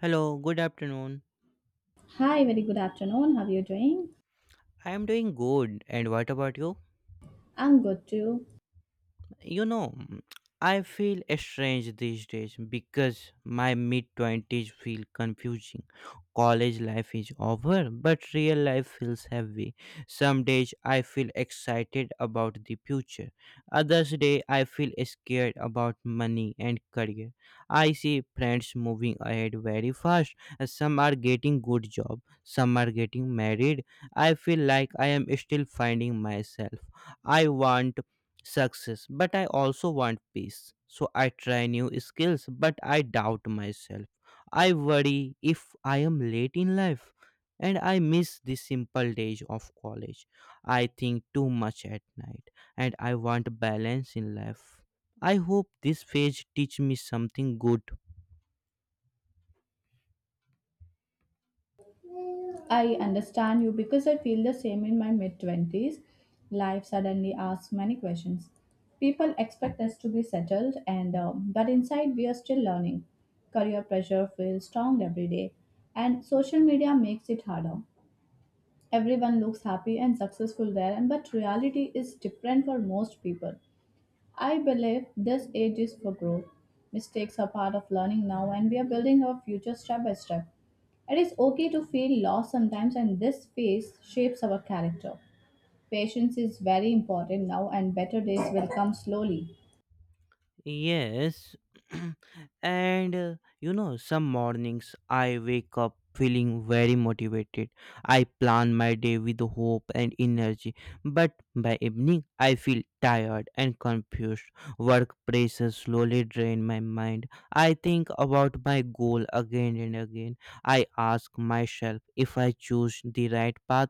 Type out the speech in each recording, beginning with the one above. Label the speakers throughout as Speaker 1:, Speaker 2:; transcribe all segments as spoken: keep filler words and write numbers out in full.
Speaker 1: Hello, good afternoon.
Speaker 2: Hi, very good afternoon. How are you doing?
Speaker 1: I am doing good. And what about you?
Speaker 2: I'm good too.
Speaker 1: You know, mm, I feel strange these days because my mid twenties feel confusing. College life is over, but real life feels heavy. Some days I feel excited about the future. Others day I feel scared about money and career. I see friends moving ahead very fast. Some are getting good job, some are getting married. I feel like I am still finding myself. I want success, but I also want peace. So I try new skills, but I doubt myself. I worry if I am late in life, and I miss the simple days of college. I think too much at night, and I want balance in life. I hope this phase teach me something good.
Speaker 2: I understand you because I feel the same in my mid twenties. Life suddenly asks many questions. People expect us to be settled and uh, but inside we are still learning. Career pressure feels strong every day and social media makes it harder. Everyone looks happy and successful there and but reality is different for most people. I believe this age is for growth. Mistakes are part of learning now, and we are building our future step by step. It is okay to feel lost sometimes, and this phase shapes our character. Patience is very important now, and better days will come slowly.
Speaker 1: Yes, and uh, you know, some mornings I wake up feeling very motivated. I plan my day with hope and energy, but by evening I feel tired and confused. Work pressure slowly drain my mind. I think about my goal again and again. I ask myself if I choose the right path.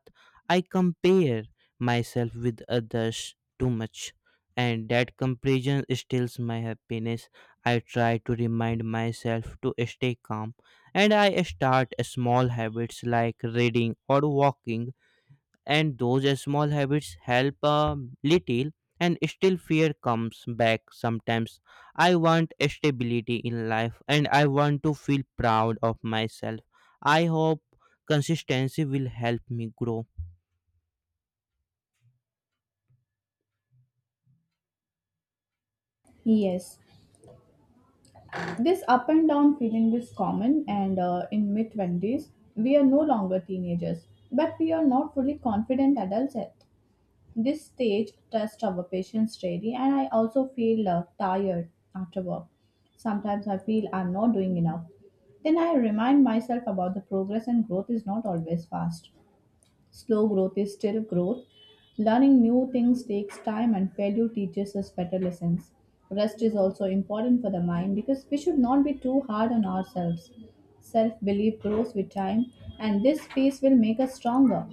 Speaker 1: I compare myself with others too much, and that comparison steals my happiness. I try to remind myself to stay calm, and I start small habits like reading or walking, and those small habits help a little, and still fear comes back sometimes. I want stability in life, and I want to feel proud of myself. I hope consistency will help me grow.
Speaker 2: Yes, this up and down feeling is common, and uh, in mid twenties, we are no longer teenagers, but we are not fully confident adults yet. This stage tests our patience daily, and I also feel uh, tired after work. Sometimes I feel I'm not doing enough. Then I remind myself about the progress and growth is not always fast. Slow growth is still growth. Learning new things takes time, and failure teaches us better lessons. Rest is also important for the mind because we should not be too hard on ourselves. Self belief grows with time, and this phase will make us stronger.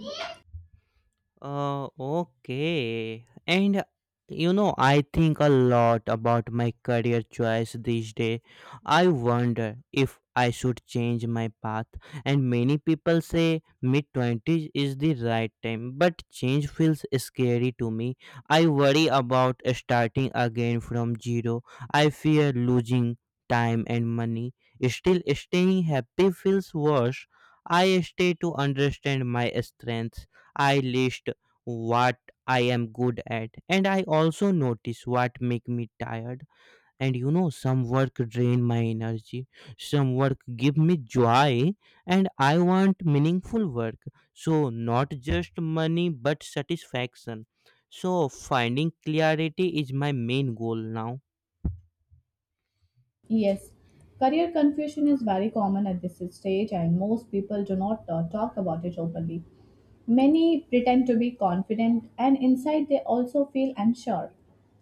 Speaker 1: Uh, okay. And you know, I think a lot about my career choice these days. I wonder if I should change my path. And many people say mid twenties is the right time, but change feels scary to me. I worry about starting again from zero. I fear losing time and money. Still, staying happy feels worse. I stay to understand my strengths. I list what I am good at, and I also notice what make me tired. And you know some work drain my energy, some work give me joy. And I want meaningful work, so not just money but satisfaction. So finding clarity is my main goal now.
Speaker 2: Yes, career confusion is very common at this stage, and most people do not uh, talk about it openly. Many pretend to be confident, and inside they also feel unsure.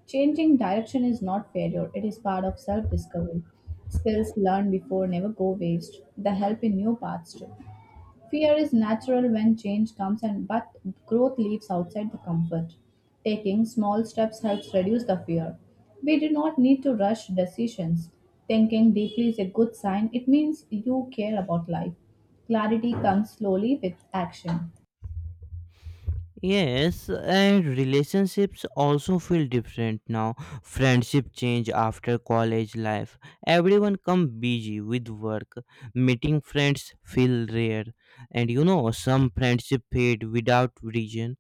Speaker 2: Changing direction is not failure, it is part of self discovery. Skills learned before never go waste, they help in new paths too. Fear is natural when change comes and but growth lives outside the comfort. Taking small steps helps reduce the fear. We do not need to rush decisions. Thinking deeply is a good sign. It means you care about life. Clarity comes slowly with action.
Speaker 1: Yes, and relationships also feel different now. Friendship change after college life. Everyone come busy with work. Meeting friends feel rare. And you know, some friendship fade without reason.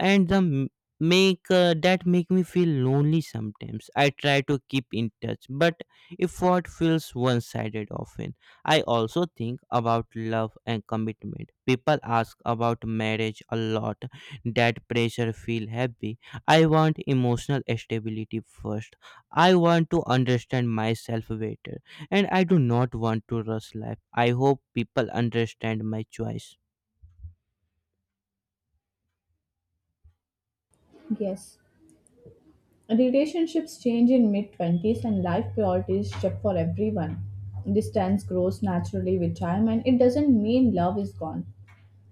Speaker 1: And the m- make uh, that make me feel lonely sometimes. I try to keep in touch, but effort feels one-sided often. I also think about love and commitment. People ask about marriage a lot. That pressure feel heavy. I want emotional stability first. I want to understand myself better, and I do not want to rush life. I hope people understand my choice.
Speaker 2: Yes. Relationships change in mid twenties and life priorities shift for everyone. Distance grows naturally with time and it doesn't mean love is gone.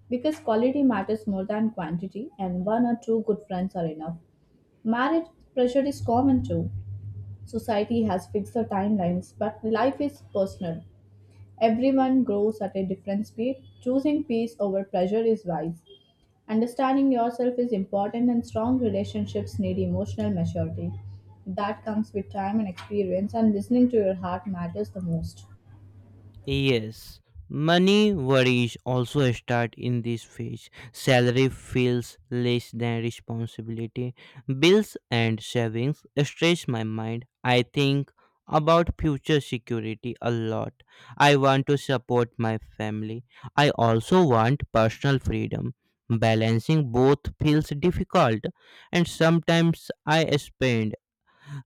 Speaker 2: Because quality matters more than quantity, and one or two good friends are enough. Marriage pressure is common too. Society has fixed timelines, but life is personal. Everyone grows at a different speed. Choosing peace over pressure is wise. Understanding yourself is important, and strong relationships need emotional maturity. That comes with time and experience, and listening to your heart matters the most.
Speaker 1: Yes, money worries also start in this phase. Salary feels less than responsibility. Bills and savings stress my mind. I think about future security a lot. I want to support my family. I also want personal freedom. Balancing both feels difficult, and sometimes I spend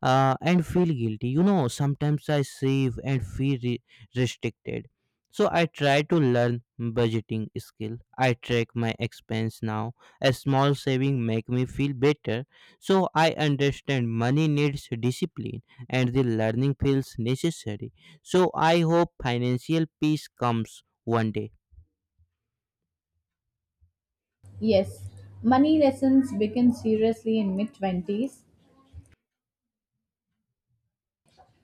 Speaker 1: uh, and feel guilty. You know, sometimes I save and feel re- restricted. So I try to learn budgeting skill. I track my expense now. A small saving make me feel better. So I understand money needs discipline, and the learning feels necessary. So I hope financial peace comes one day.
Speaker 2: Yes, money lessons begin seriously in mid twenties,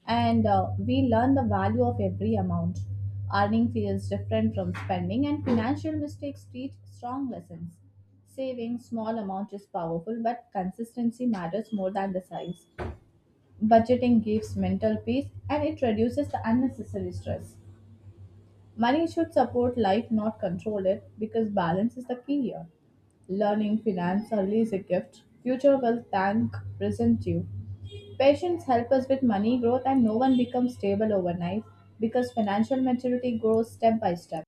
Speaker 2: and uh, we learn the value of every amount. Earning feels different from spending, and financial mistakes teach strong lessons. Saving small amount is powerful, but consistency matters more than the size. Budgeting gives mental peace and it reduces the unnecessary stress. Money should support life, not control it, because balance is the key here. Learning finance early is a gift. Future will thank present you. Patience help us with money growth, and no one becomes stable overnight because financial maturity grows step by step.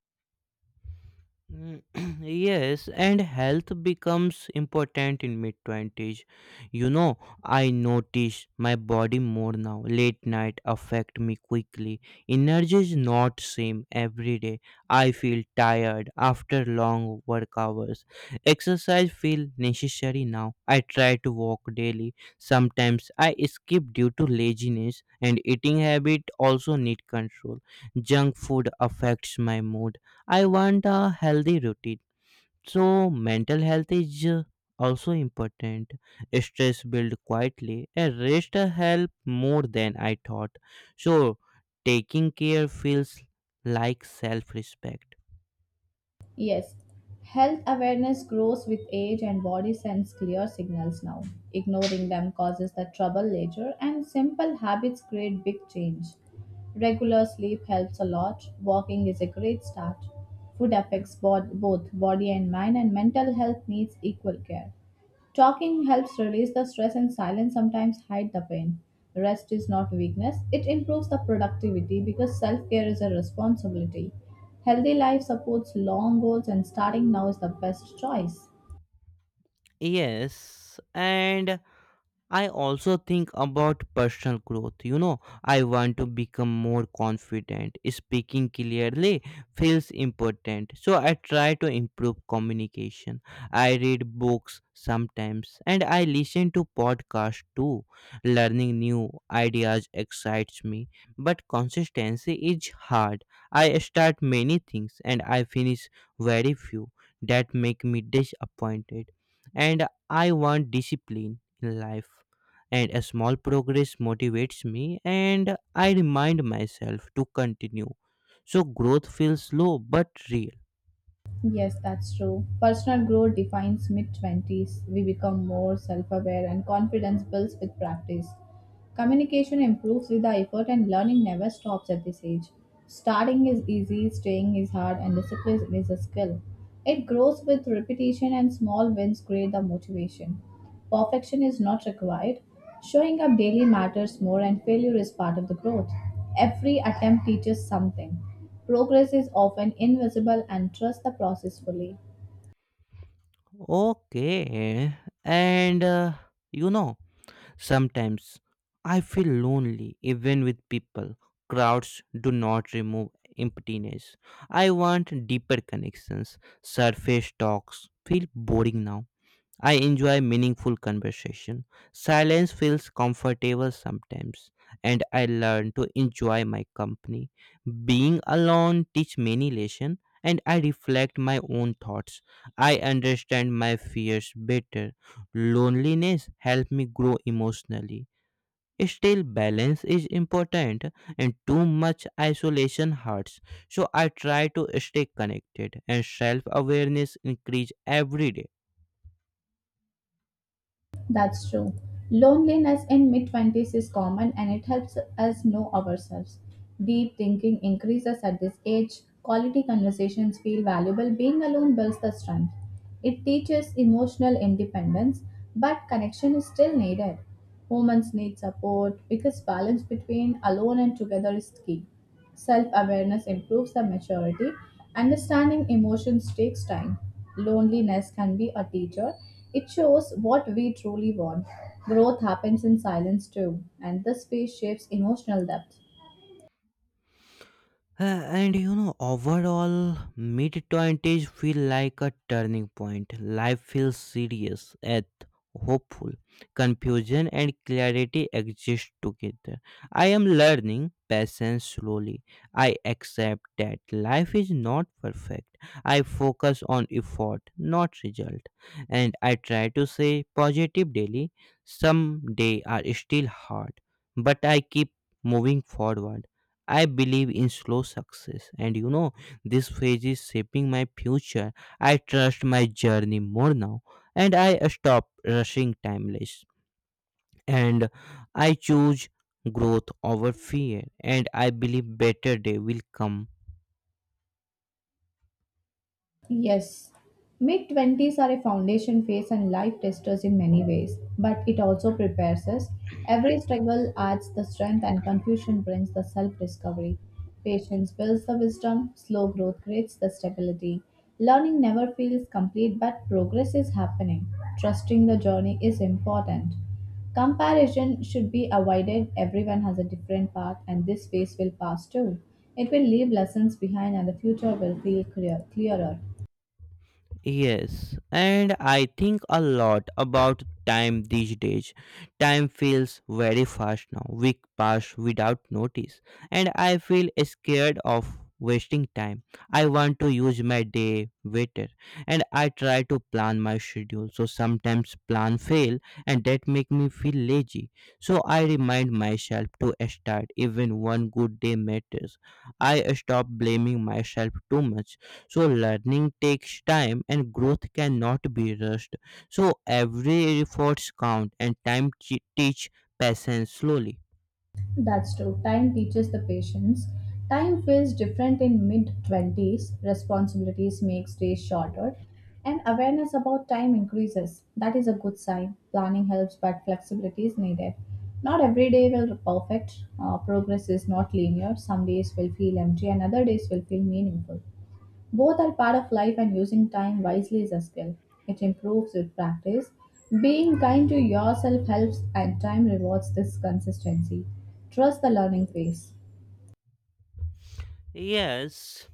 Speaker 1: Mm, yes, and health becomes important in mid twenties. You know, I notice my body more now. Late night affect me quickly. Energy is not same every day. I feel tired after long work hours. Exercise feel necessary now. I try to walk daily. Sometimes I skip due to laziness, and eating habit also need control. Junk food affects my mood. I want a healthy routine. So mental health is uh, also important. Stress build quietly, and rest help more than I thought. So taking care feels like self-respect.
Speaker 2: Yes, health awareness grows with age, and body sends clear signals now. Ignoring them causes the trouble later, and simple habits create big change. Regular sleep helps a lot. Walking is a great start. Food affects bod- both body and mind, and mental health needs equal care. Talking helps release the stress, and silence sometimes hide the pain. Rest is not weakness, it improves the productivity because self care is a responsibility. Healthy life supports long goals, and starting now is the best choice.
Speaker 1: Yes, and I also think about personal growth. You know, I want to become more confident. Speaking clearly feels important. So I try to improve communication. I read books sometimes, and I listen to podcasts too. Learning new ideas excites me, but consistency is hard. I start many things, and I finish very few. That make me disappointed. And I want discipline life, and a small progress motivates me, and I remind myself to continue. So growth feels slow but real.
Speaker 2: Yes, that's true. Personal growth defines mid twenties. We become more self aware and confidence builds with practice. Communication improves with the effort, and learning never stops at this age. Starting is easy, staying is hard, and discipline is a skill. It grows with repetition, and small wins create the motivation. Perfection is not required. Showing up daily matters more, and failure is part of the growth. Every attempt teaches something. Progress is often invisible and trust the process fully.
Speaker 1: Okay, and uh, you know sometimes I feel lonely even with people. Crowds do not remove emptiness. I want deeper connections. Surface talks feel boring now. I enjoy meaningful conversation. Silence feels comfortable sometimes, and I learn to enjoy my company. Being alone teach many lessons, and I reflect my own thoughts. I understand my fears better. Loneliness help me grow emotionally. Still, balance is important, and too much isolation hurts. So I try to stay connected, and self awareness increase every day.
Speaker 2: That's true. Loneliness in mid twenties is common and it helps us know ourselves. Deep thinking increases at this age. Quality conversations feel valuable. Being alone builds the strength. It teaches emotional independence, but connection is still needed. Humans need support because balance between alone and together is key. Self awareness improves the maturity. Understanding emotions takes time. Loneliness can be a teacher. It shows what we truly want. Growth happens in silence too, and this space shapes emotional depth.
Speaker 1: Uh, and you know, overall, mid twenties feel like a turning point. Life feels serious, yet hopeful. Confusion and clarity exist together. I am learning patience slowly. I accept that life is not perfect. I focus on effort, not result. And I try to say positive daily. Some days are still hard, but I keep moving forward. I believe in slow success, and you know, this phase is shaping my future. I trust my journey more now, and I stop rushing timeless. And I choose growth over fear, and I believe better day will come.
Speaker 2: Yes, mid twenties are a foundation phase and life testers in many ways, but it also prepares us. Every struggle adds the strength, and confusion brings the self discovery. Patience builds the wisdom, slow growth creates the stability. Learning never feels complete, but progress is happening. Trusting the journey is important. Comparison should be avoided. Everyone has a different path, and this phase will pass too. It will leave lessons behind, and the future will feel clear, clearer.
Speaker 1: Yes, and I think a lot about time these days. Time feels very fast now. Week pass without notice, and I feel scared of wasting time. I want to use my day better, and I try to plan my schedule. So sometimes plan fail, and that make me feel lazy. So I remind myself to start. Even one good day matters. I stop blaming myself too much. So learning takes time, and growth cannot be rushed. So every efforts count, and time chi- teach patience slowly.
Speaker 2: That's true. Time teaches the patience. Time feels different in mid twenties. Responsibilities makes days shorter and awareness about time increases. That is a good sign. Planning helps but flexibility is needed. Not every day will be perfect. Uh, progress is not linear. Some days will feel empty and other days will feel meaningful. Both are part of life, and using time wisely is a skill. It improves with practice. Being kind to yourself helps, and time rewards this consistency. Trust the learning phase.
Speaker 1: Yes,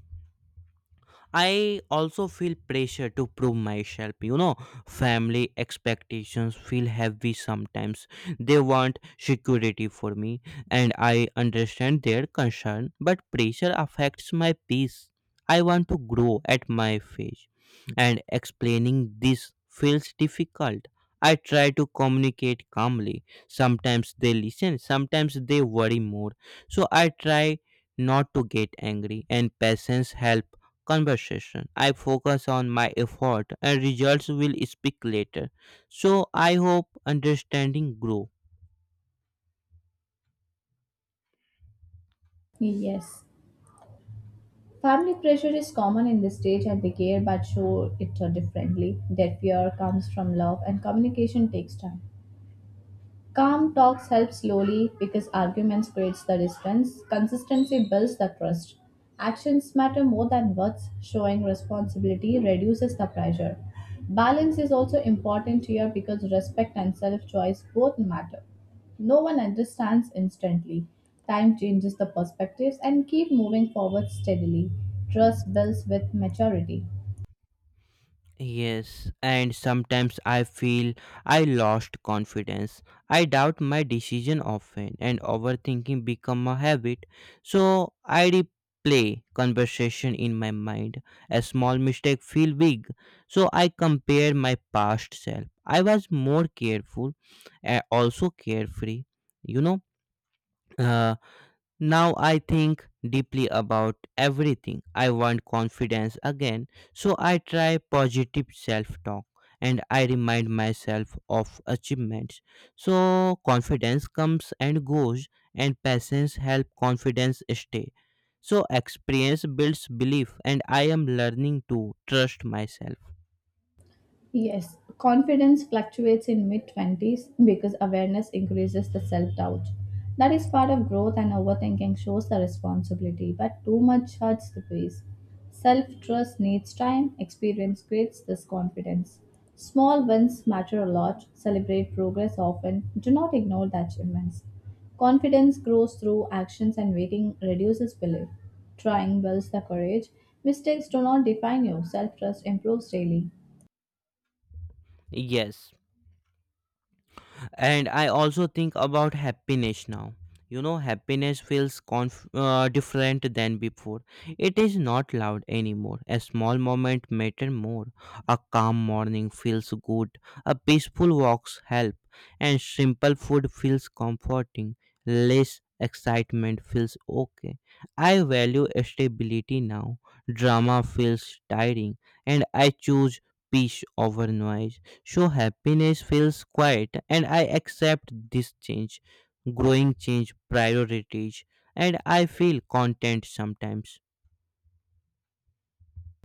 Speaker 1: I also feel pressure to prove myself. You know, family expectations feel heavy sometimes. They want security for me, and I understand their concern, but pressure affects my peace. I want to grow at my pace, and explaining this feels difficult. I try to communicate calmly. Sometimes they listen, sometimes they worry more. So I try not to get angry, and patience helps conversation. I focus on my effort, and results will speak later. So I hope understanding grow.
Speaker 2: Yes. Family pressure is common in this stage and they care but show it differently. Their fear comes from love and communication takes time. Calm talks help slowly because arguments creates the distance. Consistency builds the trust. Actions matter more than words. Showing responsibility reduces the pressure. Balance is also important here because respect and self-choice both matter. No one understands instantly. Time changes the perspectives and keep moving forward steadily. Trust builds with maturity.
Speaker 1: Yes, and sometimes I feel I lost confidence. I doubt my decision often, and overthinking become a habit. So I replay conversation in my mind. A small mistake feel big. So I compare my past self. I was more careful and also carefree. You know, uh, Now I think deeply about everything. I want confidence again, so I try positive self talk, and I remind myself of achievements. So confidence comes and goes, and patience help confidence stay. So experience builds belief, and I am learning to trust myself.
Speaker 2: Yes, confidence fluctuates in mid twenties because awareness increases the self doubt. That is part of growth, and overthinking shows the responsibility, but too much hurts the peace. Self trust needs time, experience creates this confidence. Small wins matter a lot, celebrate progress often, do not ignore the achievements. Confidence grows through actions, and waiting reduces belief. Trying builds the courage. Mistakes do not define you, self trust improves daily.
Speaker 1: Yes. And I also think about happiness now. You know happiness feels conf- uh, different than before. It is not loud anymore. A small moment matter more. A calm morning feels good. A peaceful walks help. And simple food feels comforting. Less excitement feels okay. I value stability now. Drama feels tiring, and I choose peace over noise. So happiness feels quiet, and I accept this change, growing change priorities, and I feel content sometimes.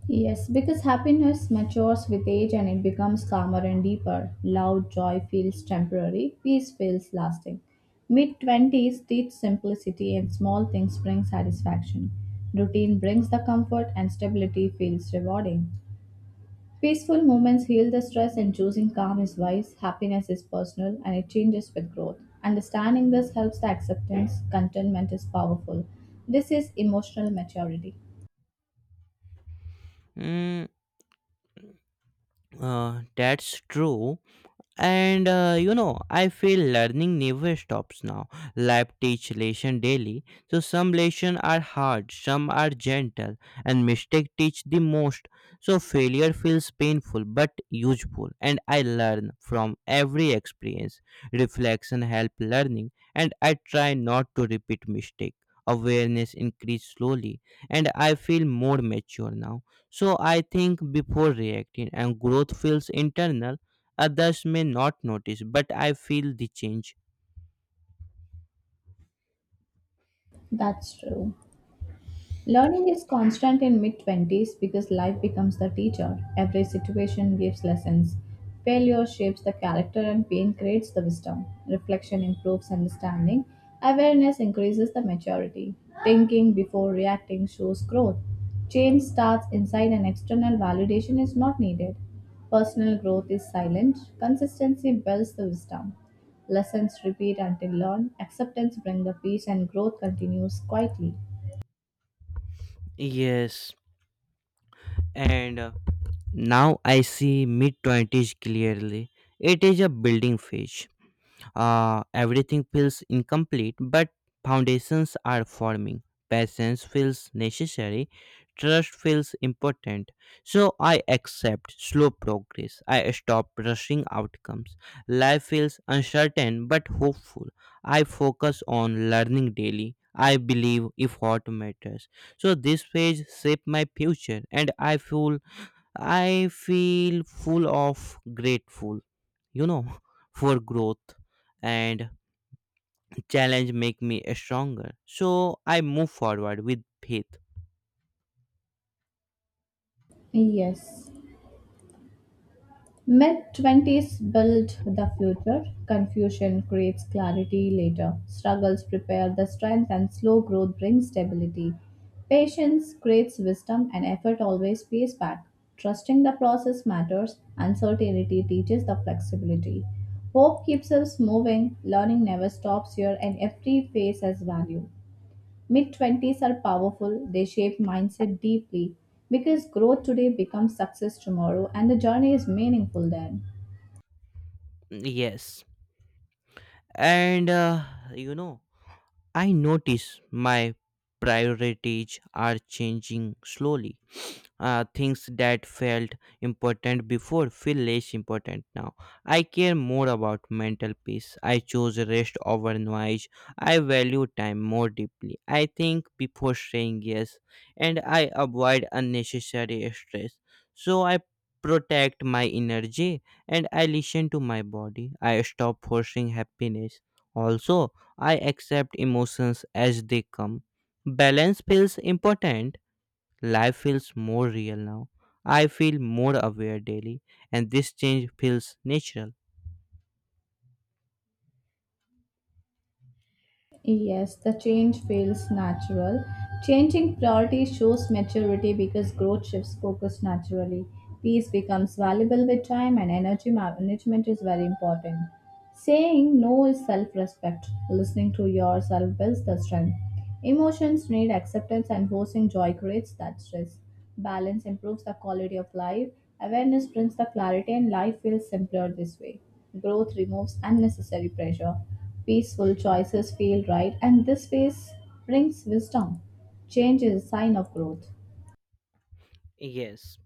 Speaker 2: Yes, because happiness matures with age and it becomes calmer and deeper. Loud joy feels temporary, peace feels lasting. Mid twenties teach simplicity and small things bring satisfaction. Routine brings the comfort and stability feels rewarding. Peaceful moments heal the stress and choosing calm is wise. Happiness is personal and it changes with growth. Understanding this helps the acceptance. Contentment is powerful. This is emotional maturity.
Speaker 1: Mm, uh, that's true. And uh, you know I feel learning never stops now. Life teach lesson daily. So some lessons are hard, some are gentle. And mistake teach the most. So failure feels painful but useful, and I learn from every experience. Reflection help learning, and I try not to repeat mistake. Awareness increase slowly, and I feel more mature now. So I think before reacting, and growth feels internal. Others may not notice, but I feel the change.
Speaker 2: That's true. Learning is constant in mid twenties because life becomes the teacher. Every situation gives lessons. Failure shapes the character and pain creates the wisdom. Reflection improves understanding. Awareness increases the maturity. Thinking before reacting shows growth. Change starts inside and external validation is not needed. Personal growth is silent. Consistency builds the wisdom. Lessons repeat until learned. Acceptance brings the peace and growth continues quietly.
Speaker 1: Yes, and uh, now I see mid twenties clearly. It is a building phase. Uh, everything feels incomplete, but foundations are forming. Patience feels necessary, trust feels important. So I accept slow progress. I stop rushing outcomes. Life feels uncertain but hopeful. I focus on learning daily. I believe effort matters. So this phase shaped my future, and I feel I feel full of grateful you know for growth, and challenge make me stronger. So I move forward with faith.
Speaker 2: Yes. Mid twenties build the future. Confusion creates clarity later. Struggles prepare the strength, and slow growth brings stability. Patience creates wisdom, and effort always pays back. Trusting the process matters. Uncertainty teaches the flexibility. Hope keeps us moving. Learning never stops here, and every phase has value. Mid twenties are powerful, they shape mindset deeply because growth today becomes success tomorrow and the journey is meaningful then.
Speaker 1: Yes, and uh, you know I notice my priorities are changing slowly. Uh, things that felt important before feel less important now. I care more about mental peace. I choose rest over noise. I value time more deeply. I think before saying yes, and I avoid unnecessary stress. So I protect my energy, and I listen to my body. I stop forcing happiness. Also, I accept emotions as they come. Balance feels important. Life feels more real now. I feel more aware daily, and this change feels natural.
Speaker 2: Yes, the change feels natural. Changing priority shows maturity because growth shifts focus naturally. Peace becomes valuable with time and energy management is very important. Saying no is self respect. Listening to yourself builds the strength. Emotions need acceptance and forcing joy creates that stress. Balance improves the quality of life. Awareness brings the clarity, and life feels simpler this way. Growth removes unnecessary pressure. Peaceful choices feel right, and this phase brings wisdom. Change is a sign of growth.
Speaker 1: Yes,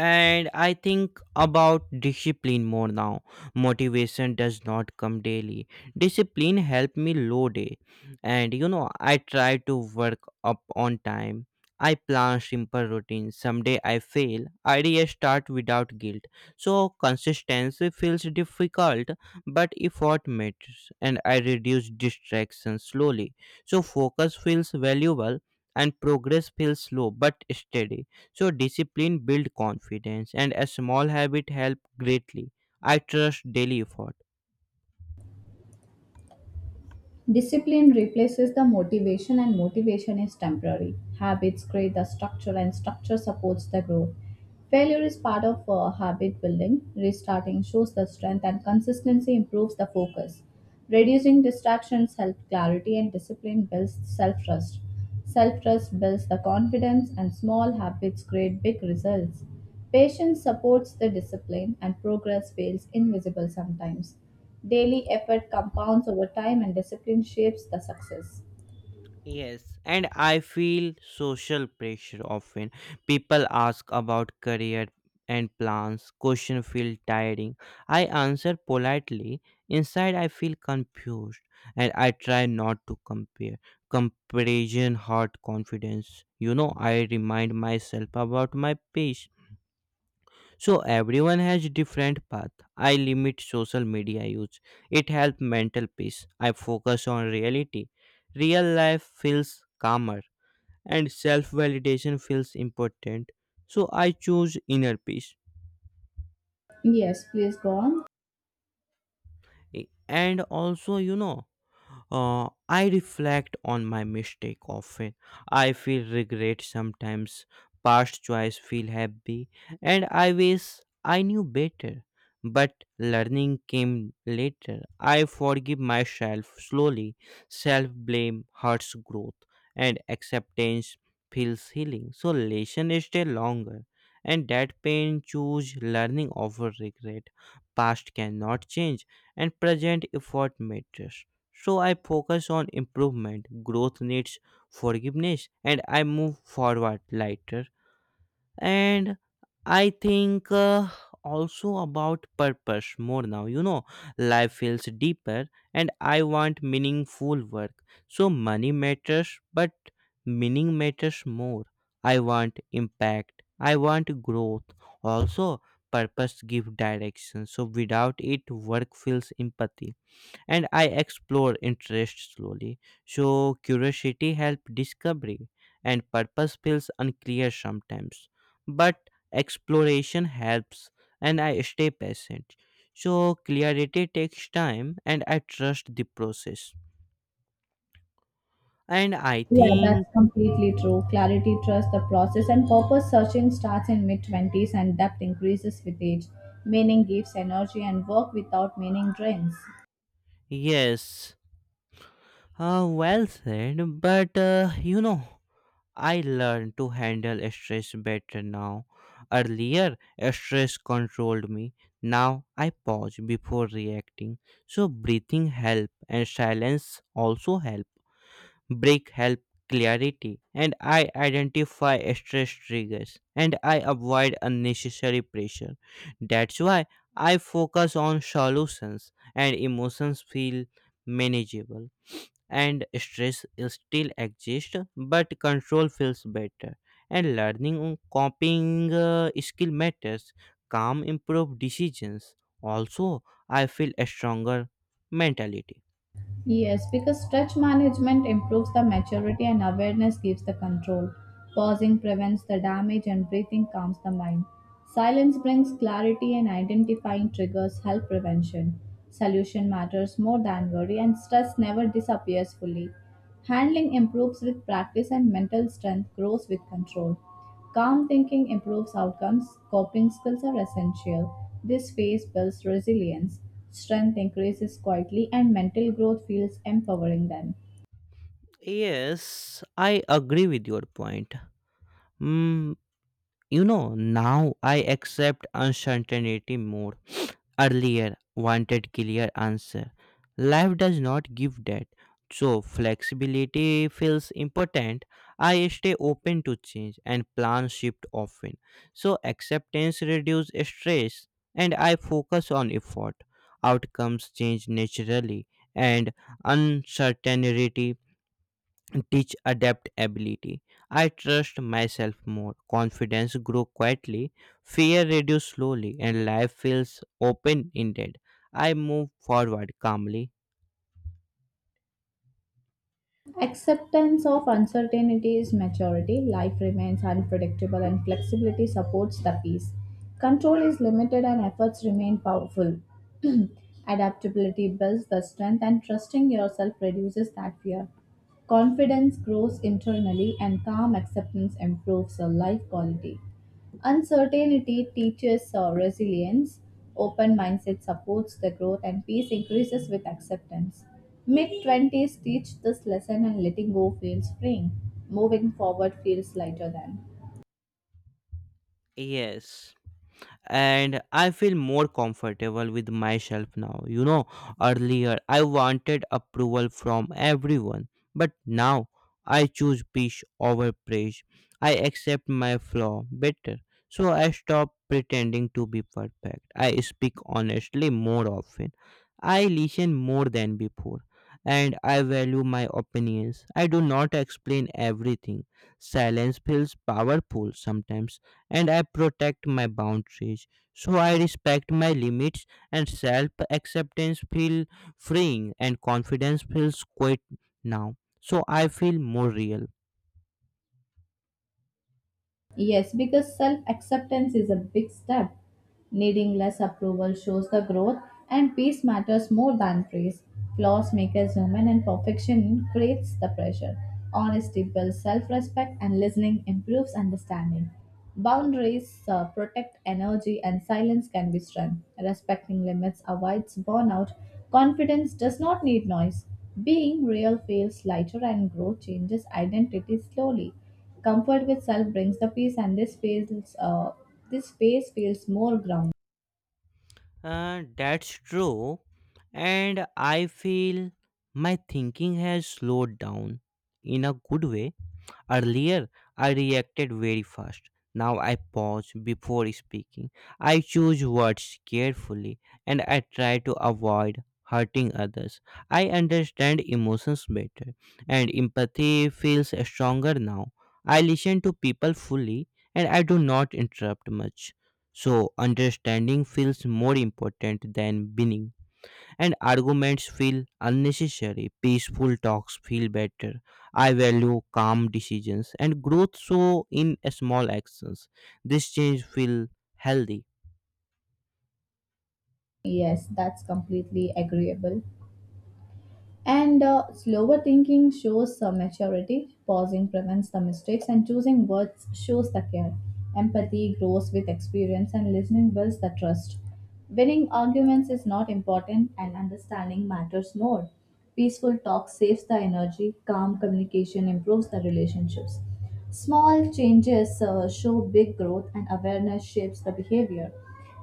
Speaker 1: and i think about discipline more now. Motivation does not come daily. Discipline help me low day, and you know i try to work up on time. I plan simple routines. Someday i fail, i restart without guilt. So consistency feels difficult, but effort matters, and i reduce distractions slowly. So focus feels valuable, and progress feels slow but steady. So discipline build confidence, and a small habit help greatly. I trust daily effort.
Speaker 2: Discipline replaces the motivation, and motivation is temporary. Habits create the structure, and structure supports the growth. Failure is part of uh, habit building. Restarting shows the strength, and consistency improves the focus. Reducing distractions helps clarity, and discipline builds self trust. Self trust builds the confidence, and small habits create big results. Patience supports the discipline, and progress feels invisible sometimes. Daily effort compounds over time and discipline shapes the success.
Speaker 1: Yes, and I feel social pressure often. People ask about career and plans. Question feel tiring. I answer politely. Inside I feel confused, and I try not to compare. Comparison hurt confidence. You know, I remind myself about my pace. So everyone has different path. I limit social media use. It helps mental peace. I focus on reality. Real life feels calmer and self-validation feels important. So I choose inner peace.
Speaker 2: Yes, please go on.
Speaker 1: I- and also you know uh, i reflect on my mistake often. I feel regret sometimes. Past choice feel happy, and i wish i knew better, but learning came later. I forgive myself slowly. Self blame hurts growth, and acceptance feels healing. So lesson stay longer, and that pain choose learning over regret. Past cannot change, and present effort matters. So I focus on improvement. Growth needs forgiveness, and I move forward lighter. And I think uh, also about purpose more now. You know, life feels deeper, and I want meaningful work. So money matters, but meaning matters more. I want impact. I want growth. Also, purpose give direction. So without it, work feels empathy, and I explore interest slowly. So curiosity helps discovery, and purpose feels unclear sometimes. But exploration helps, and I stay patient. So clarity takes time, and I trust the process. And I
Speaker 2: Yeah,
Speaker 1: think
Speaker 2: that's completely true. Clarity, trust, the process, and purpose searching starts in mid twenties and depth increases with age. Meaning gives energy, and work without meaning drains.
Speaker 1: yes, uh, well said. But uh, you know. I learned to handle stress better now. Earlier, stress controlled me. Now I pause before reacting. So breathing help and silence also help. Break help clarity, and I identify stress triggers, and I avoid unnecessary pressure. That's why I focus on solutions, and emotions feel manageable, and stress still exist but control feels better, and learning on coping uh, skill matters. Calm improve decisions. Also i feel a stronger mentality.
Speaker 2: Yes, because stretch management improves the maturity and awareness gives the control. Pausing prevents the damage and breathing calms the mind. Silence brings clarity and identifying triggers help prevention. Solution matters more than worry and stress never disappears fully. Handling improves with practice and mental strength grows with control. Calm thinking improves outcomes. Coping skills are essential. This phase builds resilience. Strength increases quietly, and mental growth feels empowering then.
Speaker 1: Yes, i agree with your point. mm, you know Now i accept uncertainty more. Earlier wanted clear answer. Life does not give that. So flexibility feels important. I stay open to change, and plan shift often. So acceptance reduces stress, and I focus on effort. Outcomes change naturally, and uncertainty teach adaptability. I trust myself more. Confidence grows quietly, fear reduces slowly, and life feels open ended. I move forward calmly.
Speaker 2: Acceptance of uncertainty is maturity. Life remains unpredictable and flexibility supports the peace. Control is limited and efforts remain powerful. Adaptability builds the strength and trusting yourself reduces that fear. Confidence grows internally and calm acceptance improves your life quality. Uncertainty teaches uh, resilience, open mindset supports the growth, and peace increases with acceptance. Mid twenty s teach this lesson, and letting go feels freeing. Moving forward feels lighter then.
Speaker 1: Yes, and I feel more comfortable with myself now. You know, earlier I wanted approval from everyone, but now I choose peace over praise. I accept my flaw better, so I stop pretending to be perfect. I speak honestly more often. I listen more than before. And I value my opinions. I do not explain everything. Silence feels powerful sometimes, and I protect my boundaries. So I respect my limits, and self acceptance feel freeing, and confidence feels quite now. So I feel more real.
Speaker 2: Yes, because self acceptance is a big step. Needing less approval shows the growth, and peace matters more than praise. Flaws make us human, and perfection creates the pressure. Honesty builds self respect, and listening improves understanding. Boundaries uh, protect energy, and silence can be strength. Respecting limits avoids burnout. Confidence does not need noise. Being real feels lighter, and growth changes identity slowly. Comfort with self brings the peace, and this feels uh, this space feels more grounded.
Speaker 1: Uh, that's true. And I feel my thinking has slowed down in a good way. Earlier, I reacted very fast. Now I pause before speaking. I choose words carefully, and I try to avoid hurting others. I understand emotions better, and empathy feels stronger now. I listen to people fully, and I do not interrupt much. So understanding feels more important than winning, and arguments feel unnecessary. Peaceful talks feel better. I value calm decisions, and growth so in small actions. This change feel healthy.
Speaker 2: Yes, that's completely agreeable. And uh, slower thinking shows uh, maturity, pausing prevents the mistakes, and choosing words shows the care. Empathy grows with experience, and listening builds the trust. Winning arguments is not important, and understanding matters more. Peaceful talk saves the energy, calm communication improves the relationships. Small changes uh, show big growth, and awareness shapes the behavior.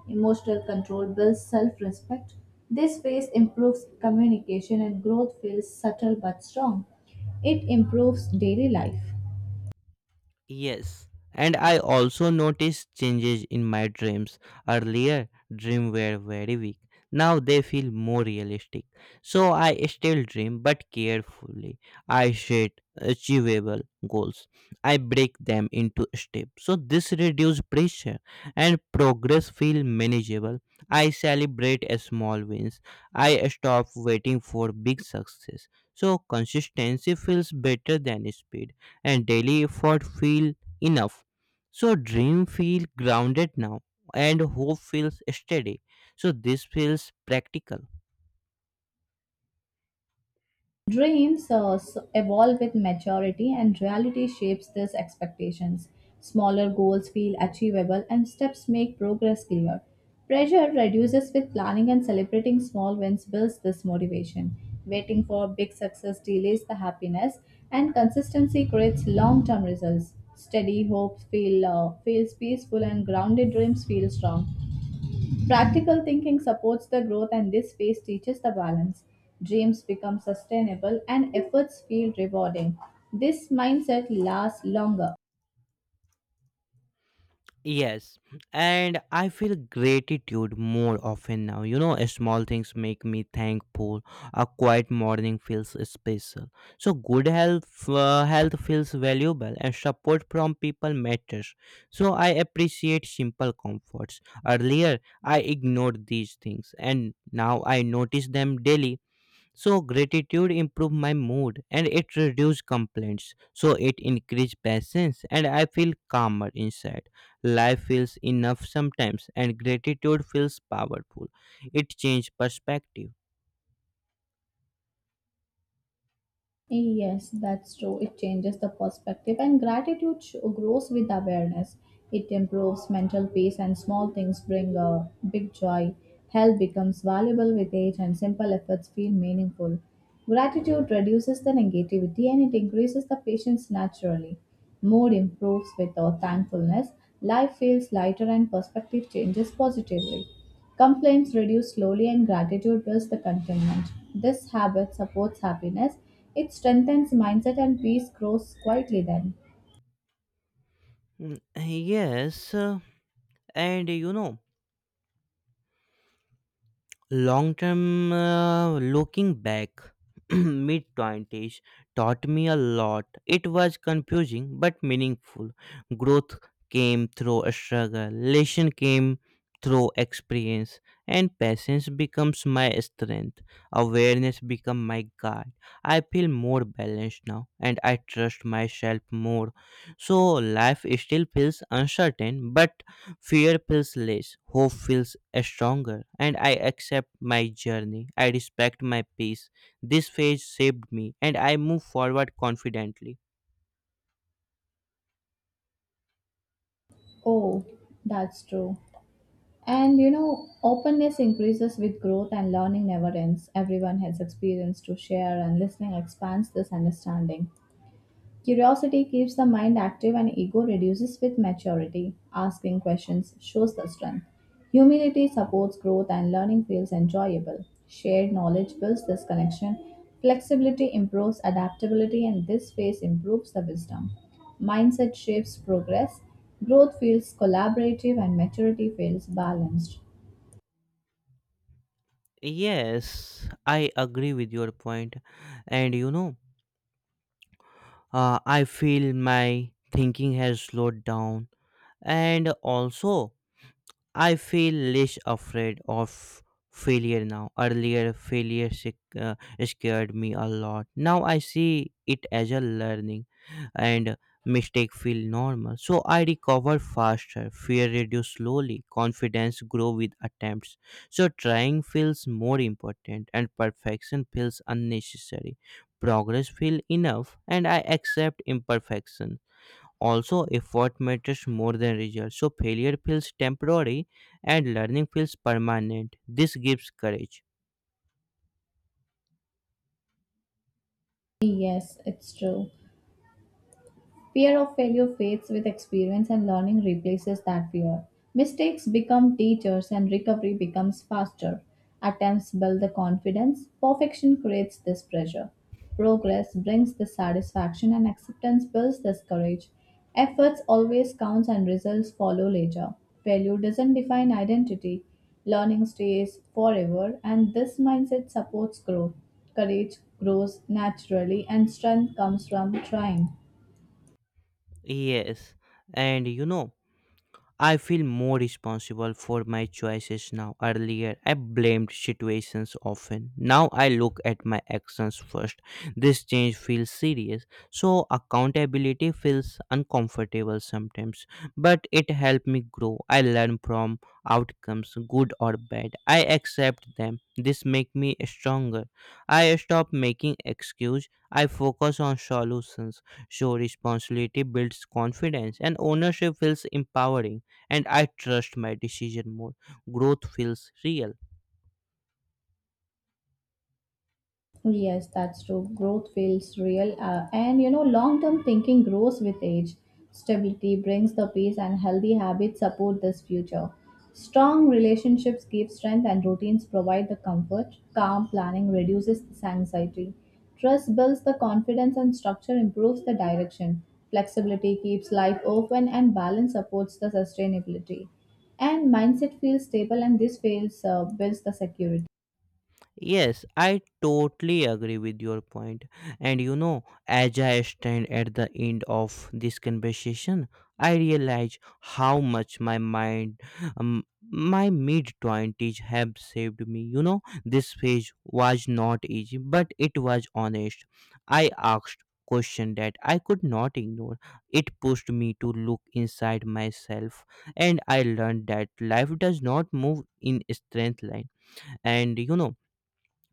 Speaker 2: Emotional control builds self respect. This phase improves communication and growth feels subtle but strong. It improves daily life.
Speaker 1: Yes, and I also noticed changes in my dreams. Earlier, dreams were very weak. Now they feel more realistic. So I still dream, but carefully. I set achievable goals. I break them into steps. So this reduces pressure, and progress feel manageable. I celebrate a small wins. I stop waiting for big success. So consistency feels better than speed, and daily effort feel enough. So dream feel grounded now, and hope feels steady. So this feels practical.
Speaker 2: Dreams uh, s- evolve with maturity, and reality shapes these expectations. Smaller goals feel achievable, and steps make progress clear. Pressure reduces with planning and celebrating small wins builds this motivation. Waiting for big success delays the happiness, and consistency creates long term results. Steady hopes feel, uh, feels peaceful, and grounded dreams feel strong. Practical thinking supports the growth, and this phase teaches the balance. Dreams become sustainable, and efforts feel rewarding. This mindset lasts longer.
Speaker 1: Yes, and I feel gratitude more often now. You know, small things make me thankful. A quiet morning feels special. So good health, uh, health feels valuable, and support from people matters. So I appreciate simple comforts. Earlier, I ignored these things, and now I notice them daily. So gratitude improved my mood, and it reduced complaints. So it increased patience, and I feel calmer inside. Life feels enough sometimes, and gratitude feels powerful. It changed perspective.
Speaker 2: Yes, that's true. It changes the perspective, and gratitude sh- grows with awareness. It improves mental peace, and small things bring a big joy. Health becomes valuable with age, and simple efforts feel meaningful. Gratitude reduces the negativity and it increases the patience naturally. Mood improves with our thankfulness. Life feels lighter, and perspective changes positively. Complaints reduce slowly and gratitude builds the contentment. This habit supports happiness. It strengthens mindset and peace grows quietly then.
Speaker 1: Mm, Yes, uh, and you know long term, uh, looking back, mid twenties taught me a lot. It was confusing but meaningful. Growth came through a struggle, lesson came through experience, and patience becomes my strength. Awareness become my guide. I feel more balanced now, and I trust myself more. So life still feels uncertain, but fear feels less, hope feels stronger, and I accept my journey. I respect my peace. This phase shaped me, and I move forward confidently.
Speaker 2: Oh, that's true. And you know, openness increases with growth and learning never ends. Everyone has experience to share and listening expands this understanding. Curiosity keeps the mind active and ego reduces with maturity. Asking questions shows the strength. Humility supports growth and learning feels enjoyable. Shared knowledge builds this connection. Flexibility improves adaptability and this phase improves the wisdom. Mindset shapes progress. Growth feels collaborative and maturity feels balanced.
Speaker 1: Yes, I agree with your point, and you know, uh, I feel my thinking has slowed down, and also I feel less afraid of failure now. Earlier, failure sic- uh, scared me a lot. Now I see it as a learning, and mistake feel normal. So I recover faster. Fear reduce slowly. Confidence grow with attempts. So trying feels more important, and perfection feels unnecessary. Progress feel enough, and I accept imperfection. Also, effort matters more than result. So failure feels temporary, and learning feels permanent. This gives courage.
Speaker 2: Yes, it's true. Fear of failure fades with experience and learning replaces that fear. Mistakes become teachers and recovery becomes faster. Attempts build the confidence. Perfection creates this pressure. Progress brings the satisfaction and acceptance builds this courage. Efforts always count, and results follow later. Failure doesn't define identity. Learning stays forever and this mindset supports growth. Courage grows naturally and strength comes from trying.
Speaker 1: Yes, and you know, I feel more responsible for my choices now. Earlier, I blamed situations often. Now I look at my actions first. This change feels serious. So accountability feels uncomfortable sometimes, but it helped me grow. I learn from outcomes, good or bad. I accept them. This make me stronger. I stop making excuse. I focus on solutions. So responsibility builds confidence, and ownership feels empowering, and I trust my decision more. Growth feels real.
Speaker 2: Yes, that's true. Growth feels real. Uh, and you know, long term thinking grows with age. Stability brings the peace, and healthy habits support this future. Strong relationships give strength, and routines provide the comfort. Calm planning reduces this anxiety. Trust builds the confidence, and structure improves the direction. Flexibility keeps life open, and balance supports the sustainability. And mindset feels stable, and this feels uh, builds the security.
Speaker 1: Yes, I totally agree with your point. And you know, as I stand at the end of this conversation, I realize how much my mind, um, my mid twenties have saved me. You know, this phase was not easy, but it was honest. I asked question that I could not ignore. It pushed me to look inside myself, and I learned that life does not move in straight line. And you know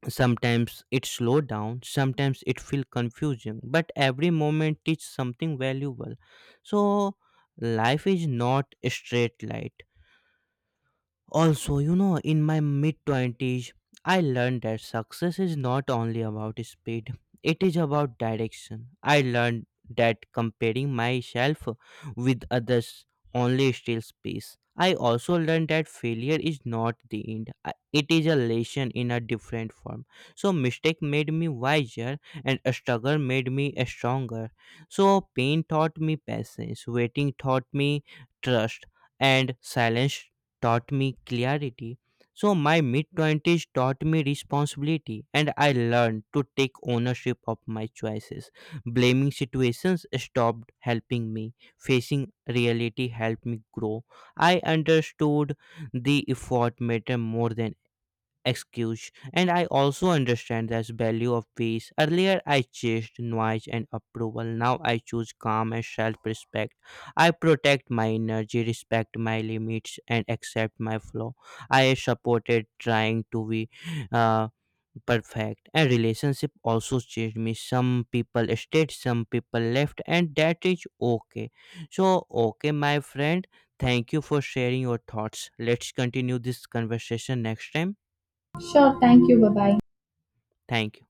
Speaker 1: sometimes it slow down, sometimes it feel confusing, but every moment teach something valuable. So life is not a straight light. Also, you know, in my mid twenties, I learned that success is not only about speed, it is about direction. I learned that comparing myself with others only steals peace. I also learned that failure is not the end, I- it is a lesson in a different form. So mistake made me wiser, and struggle made me stronger. So pain taught me patience, waiting taught me trust, and silence taught me clarity. So my mid twenties taught me responsibility, and I learned to take ownership of my choices. Blaming situations stopped helping me. Facing reality helped me grow. I understood the effort matter more than excuse, and i also understand the value of peace. Earlier i chased noise and approval. Now i choose calm and self-respect. I protect my energy, respect my limits, and accept my flow. i supported trying to be uh, perfect, and relationship also changed me. Some people stayed, some people left, and that is okay. So okay my friend, thank you for sharing your thoughts. Let's continue this conversation next time.
Speaker 2: Sure, thank you. Bye bye.
Speaker 1: Thank you.